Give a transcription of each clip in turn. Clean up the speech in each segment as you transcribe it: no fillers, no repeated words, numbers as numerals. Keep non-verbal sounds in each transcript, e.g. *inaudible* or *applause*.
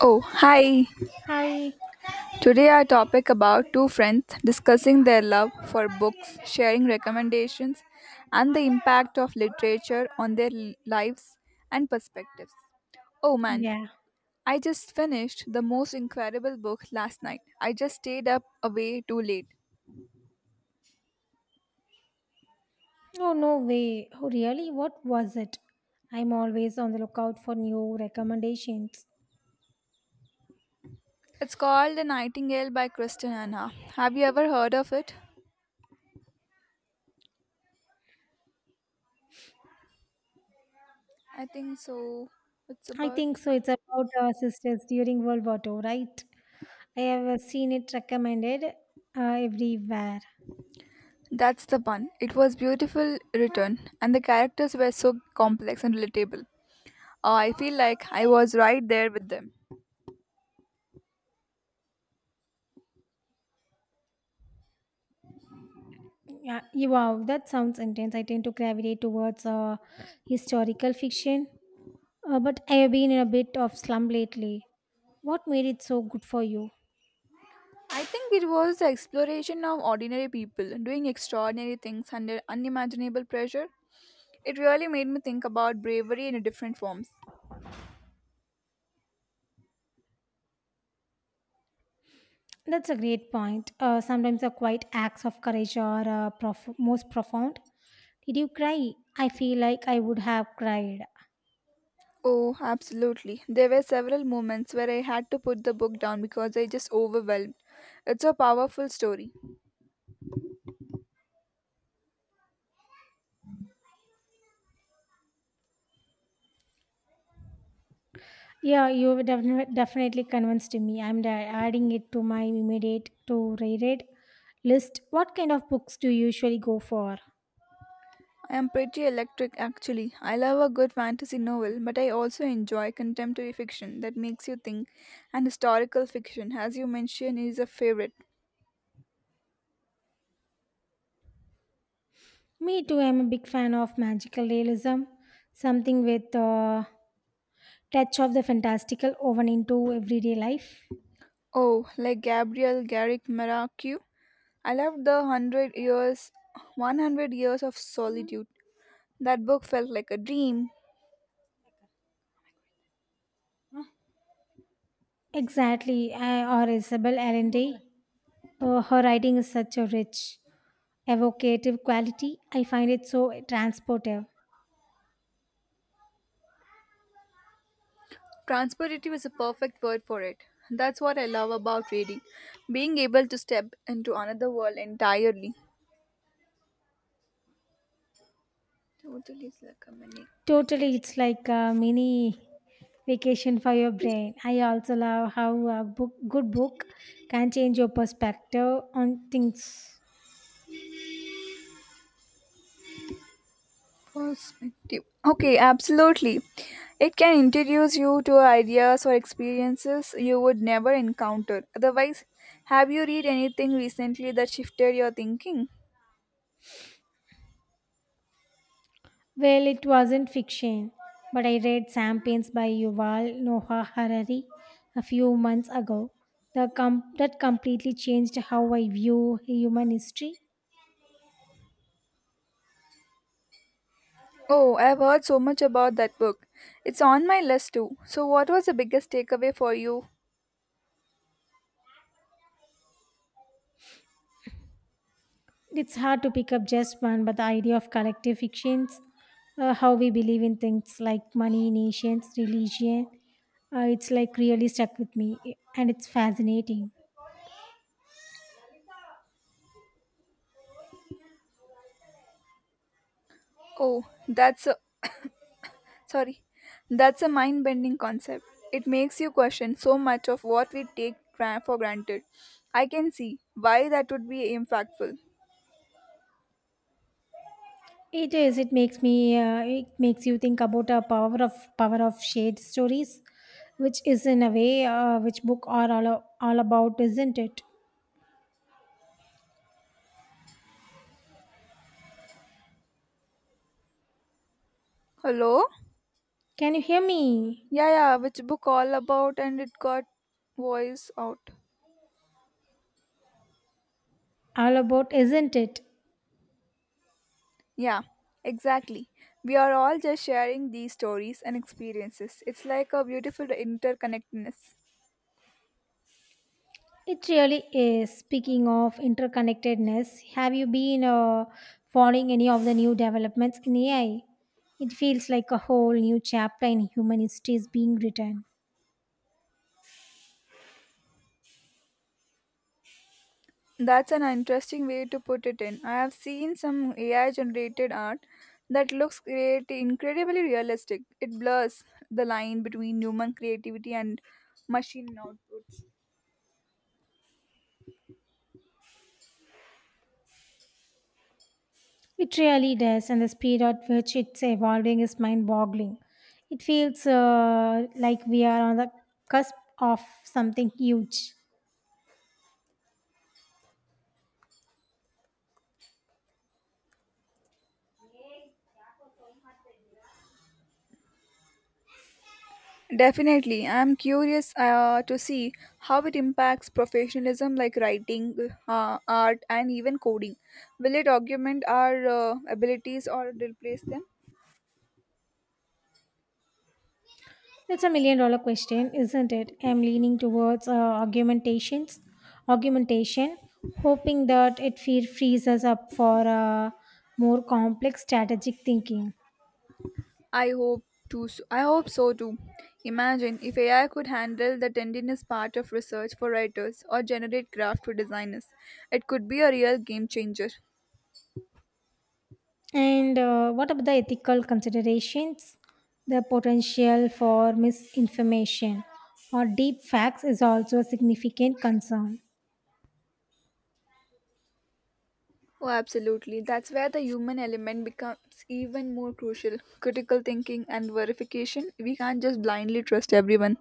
Oh, hi. Hi. Today our topic about two friends discussing their love for books, sharing recommendations and the impact of literature on their lives and perspectives. Oh man, Yeah. I just finished the most incredible book last night. I just stayed up away too late. Oh, no way. Oh, really? What was it? I'm always on the lookout for new recommendations. It's called The Nightingale by Kristen Anna. Have you ever heard of it? I think so. It's I about. think so. It's about our sisters during World War Two, right? I have seen it recommended everywhere. That's the one. It was beautiful written, and the characters were so complex and relatable. I feel like I was right there with them. Yeah. Wow, that sounds intense. I tend to gravitate towards historical fiction, but I have been in a bit of slump lately. What made it so good for you? I think it was the exploration of ordinary people doing extraordinary things under unimaginable pressure. It really made me think about bravery in different forms. That's a great point. Sometimes the quiet acts of courage are most profound. Did you cry? I feel like I would have cried. Oh, absolutely. There were several moments where I had to put the book down because I just overwhelmed. It's a powerful story. Yeah, you have definitely convinced me. I'm adding it to my immediate to reread list. What kind of books do you usually go for? I am pretty electric actually. I love a good fantasy novel, but I also enjoy contemporary fiction that makes you think, and historical fiction, as you mentioned, is a favorite. Me too. I'm a big fan of magical realism, something with a touch of the fantastical woven into everyday life. Oh, like Gabriel Garrick Marquez. I loved the 100 years of solitude. That book felt like a dream. Exactly. Or Isabel Allende. Her writing is such a rich, evocative quality. I find it so transportive. Transportivity was a perfect word for it. That's what I love about reading, being able to step into another world entirely. Totally is like a mini Totally, vacation. it's like a mini vacation for your brain. I also love how good book can change your perspective on things. Perspective. Okay, absolutely. It can introduce you to ideas or experiences you would never encounter. Otherwise, have you read anything recently that shifted your thinking? Well, it wasn't fiction, but I read Sapiens by Yuval Noah Harari a few months ago. That completely changed how I view human history. Oh, I've heard so much about that book. It's on my list too. So, what was the biggest takeaway for you? It's hard to pick up just one, but the idea of collective fictions, how we believe in things like money, nations, religion, it's like really stuck with me, and it's fascinating. Oh, that's a sorry. That's a mind-bending concept. It makes you question so much of what we take for granted. I can see why that would be impactful. It is. It makes me. It makes you think about a power of shared stories, which is in a way which book are all about, isn't it? Hello? Can you hear me? Yeah, yeah, which book all about and it got voice out. All about, isn't it? Yeah, exactly. We are all just sharing these stories and experiences. It's like a beautiful interconnectedness. It really is. Speaking of interconnectedness, have you been following any of the new developments in AI? It feels like a whole new chapter in human history is being written. That's an interesting way to put it in. I have seen some AI generated art that looks create incredibly realistic. It blurs the line between human creativity and machine outputs. It really does, and the speed at which it's evolving is mind boggling. It feels like we are on the cusp of something huge. Definitely. I'm curious to see how it impacts professionalism like writing, art, and even coding. Will it augment our abilities or replace them? That's a million-dollar question, isn't it? I'm leaning towards argumentations, argumentation, hoping that it frees us up for more complex strategic thinking. I hope to. So, I hope so too. Imagine if AI could handle the tendinous part of research for writers or generate craft for designers. It could be a real game changer. And what about the ethical considerations? The potential for misinformation or deep facts is also a significant concern. Oh, absolutely. That's where the human element becomes even more crucial. Critical thinking and verification. We can't just blindly trust everyone.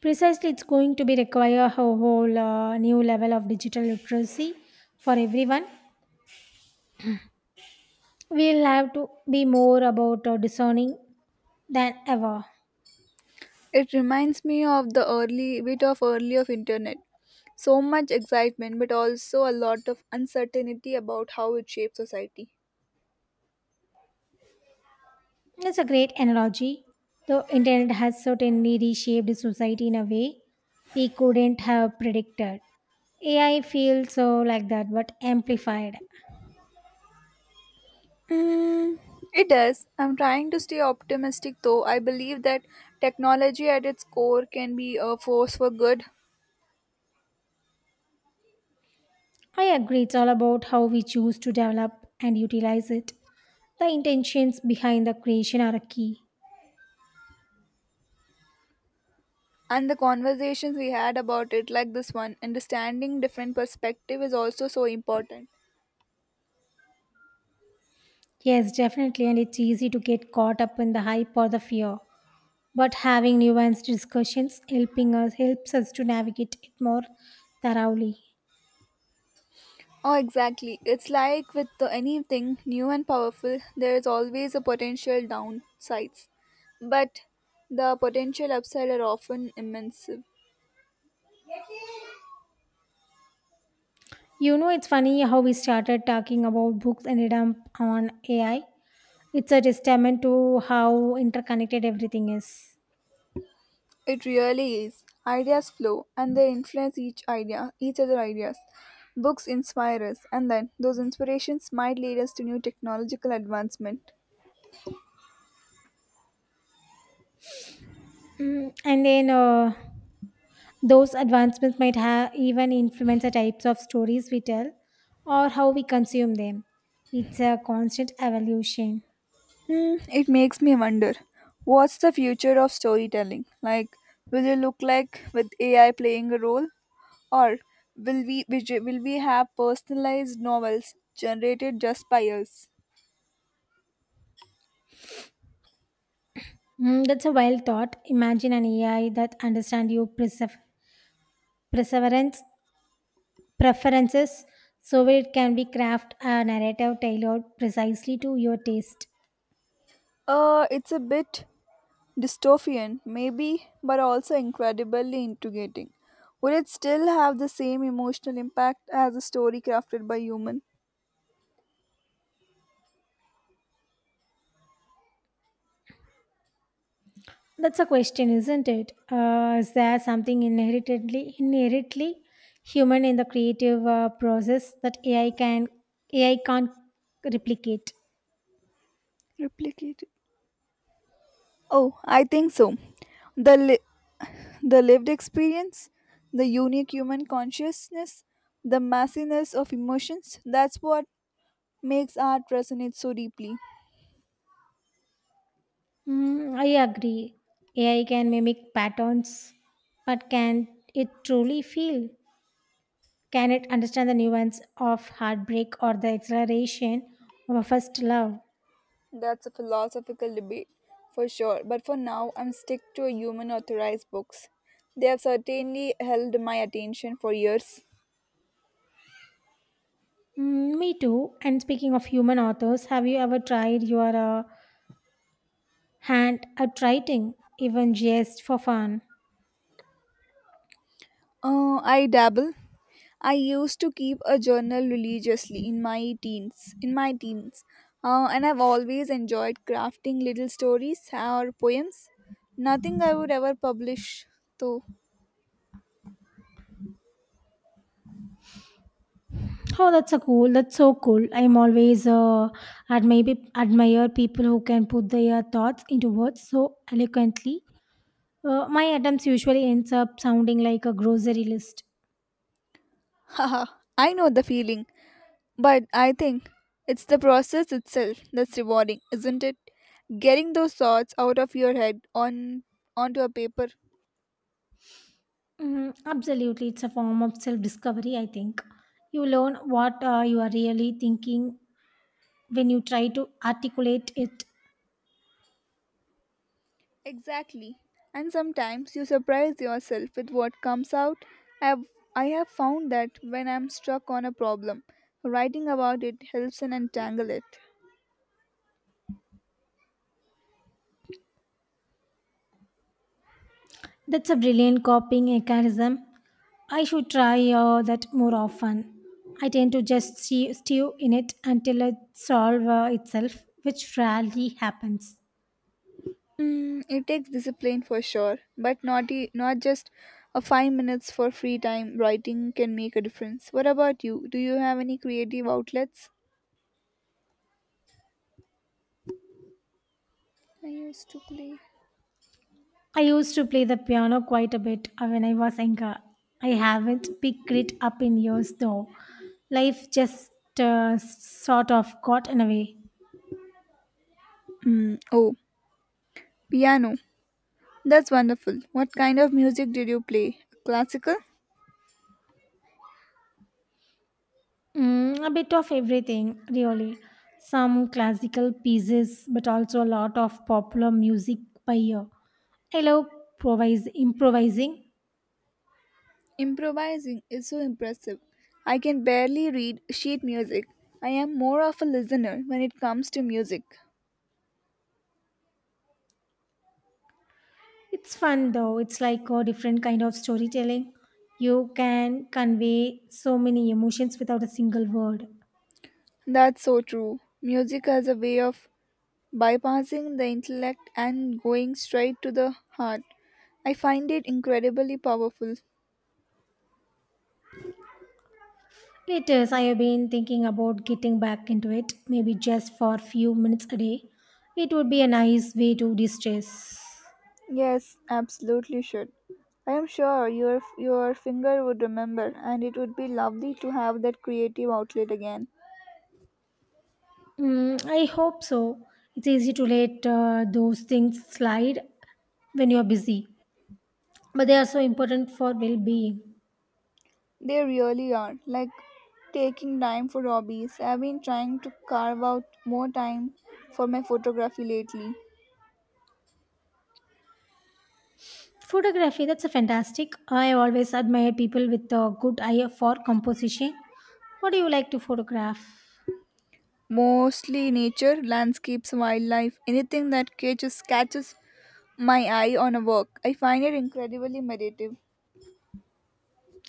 Precisely, it's going to be require a whole new level of digital literacy for everyone. We'll have to be more about discerning than ever. It reminds me of the early bit of early of internet. So much excitement, but also a lot of uncertainty about how it shapes society. It's a great analogy. The internet has certainly reshaped society in a way we couldn't have predicted. AI feels so like that, but amplified. Mm, it does. I'm trying to stay optimistic though. I believe that technology at its core can be a force for good, I agree, it's all about how we choose to develop and utilize it. The intentions behind the creation are a key. and the conversations we had about it like this one understanding different perspective is also so important. Yes, definitely, and it's easy to get caught up in the hype or the fear, but having nuanced discussions helping us helps us to navigate it more thoroughly. Oh exactly, it's like with the, anything new and powerful there is always a potential downsides, but the potential upside are often immense. You know, it's funny how we started talking about books and ended up on AI. It's a testament to how interconnected everything is. It really is ideas flow and they influence each other ideas. Books inspire us and then those inspirations might lead us to new technological advancement. Mm, and then those advancements might have even influence the types of stories we tell or how we consume them. It's a constant evolution. Hmm, it makes me wonder what's the future of storytelling? Like, will it look like with AI playing a role, or will we have personalized novels generated just by us? Mm, that's a wild thought. Imagine an AI that understands your perse- perseverance preferences so it can be craft a narrative tailored precisely to your taste. It's a bit dystopian, maybe, but also incredibly integrating. Would it still have the same emotional impact as a story crafted by human? That's a question, isn't it? Is there something inherently human in the creative process that ai can't replicate? Replicated. Oh, I think so. The li- The lived experience, the unique human consciousness, the massiness of emotions, that's what makes art resonate so deeply. Mm, I agree. Ai can mimic patterns, but can it truly feel? Can it understand the nuance of heartbreak or the exhilaration of a first love? That's a philosophical debate for sure, but for now I'm stick to human authorized books. They have certainly held my attention for years. Mm, me too. And speaking of human authors, have you ever tried your hand at writing, even just for fun? I dabble. I used to keep a journal religiously in my teens. In my teens, and I've always enjoyed crafting little stories or poems. Nothing I would ever publish, though. Oh, that's a cool. That's so cool. I'm always admire people who can put their thoughts into words so eloquently. My attempts usually ends up sounding like a grocery list. *laughs* Haha, I know the feeling, but I think it's the process itself that's rewarding, isn't it? Getting those thoughts out of your head on onto a paper. Mm, absolutely, it's a form of self-discovery. I think you learn what you are really thinking when you try to articulate it. Exactly. And sometimes you surprise yourself with what comes out. I have, I have found that when I'm stuck on a problem, writing about it helps and untangle it. That's a brilliant coping mechanism. I should try that more often. I tend to just stew in it until it solves itself, which rarely happens. Mm, it takes discipline for sure, but not just a 5 minutes for free time writing can make a difference. What about you? Do you have any creative outlets? I used to play. I used to play the piano quite a bit when I was younger. I haven't picked it up in years though. Life just sort of got in a way. Mm, oh, piano. That's wonderful. What kind of music did you play? Classical? Mm, a bit of everything, really. Some classical pieces, but also a lot of popular music by ear. I love improvising. Improvising is so impressive. I can barely read sheet music. I am more of a listener when it comes to music. It's fun though, it's like a different kind of storytelling. You can convey so many emotions without a single word. That's so true. Music has a way of bypassing the intellect and going straight to the heart. I find it incredibly powerful. It is, I have been thinking about getting back into it, maybe just for a few minutes a day. It would be a nice way to de stress. Yes, absolutely should. I am sure your finger would remember and it would be lovely to have that creative outlet again. Mm, I hope so. It's easy to let those things slide when you're busy, but they are so important for well being. They really are. Like taking time for hobbies. I've been trying to carve out more time for my photography lately. Photography, that's a fantastic. I always admire people with a good eye for composition. What do you like to photograph? Mostly nature, landscapes, wildlife, anything that catches my eye on a work. I find it incredibly meditative.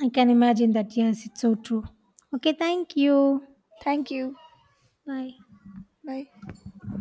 I can imagine that, yes, it's so true. Okay, thank you. Thank you. Bye. Bye.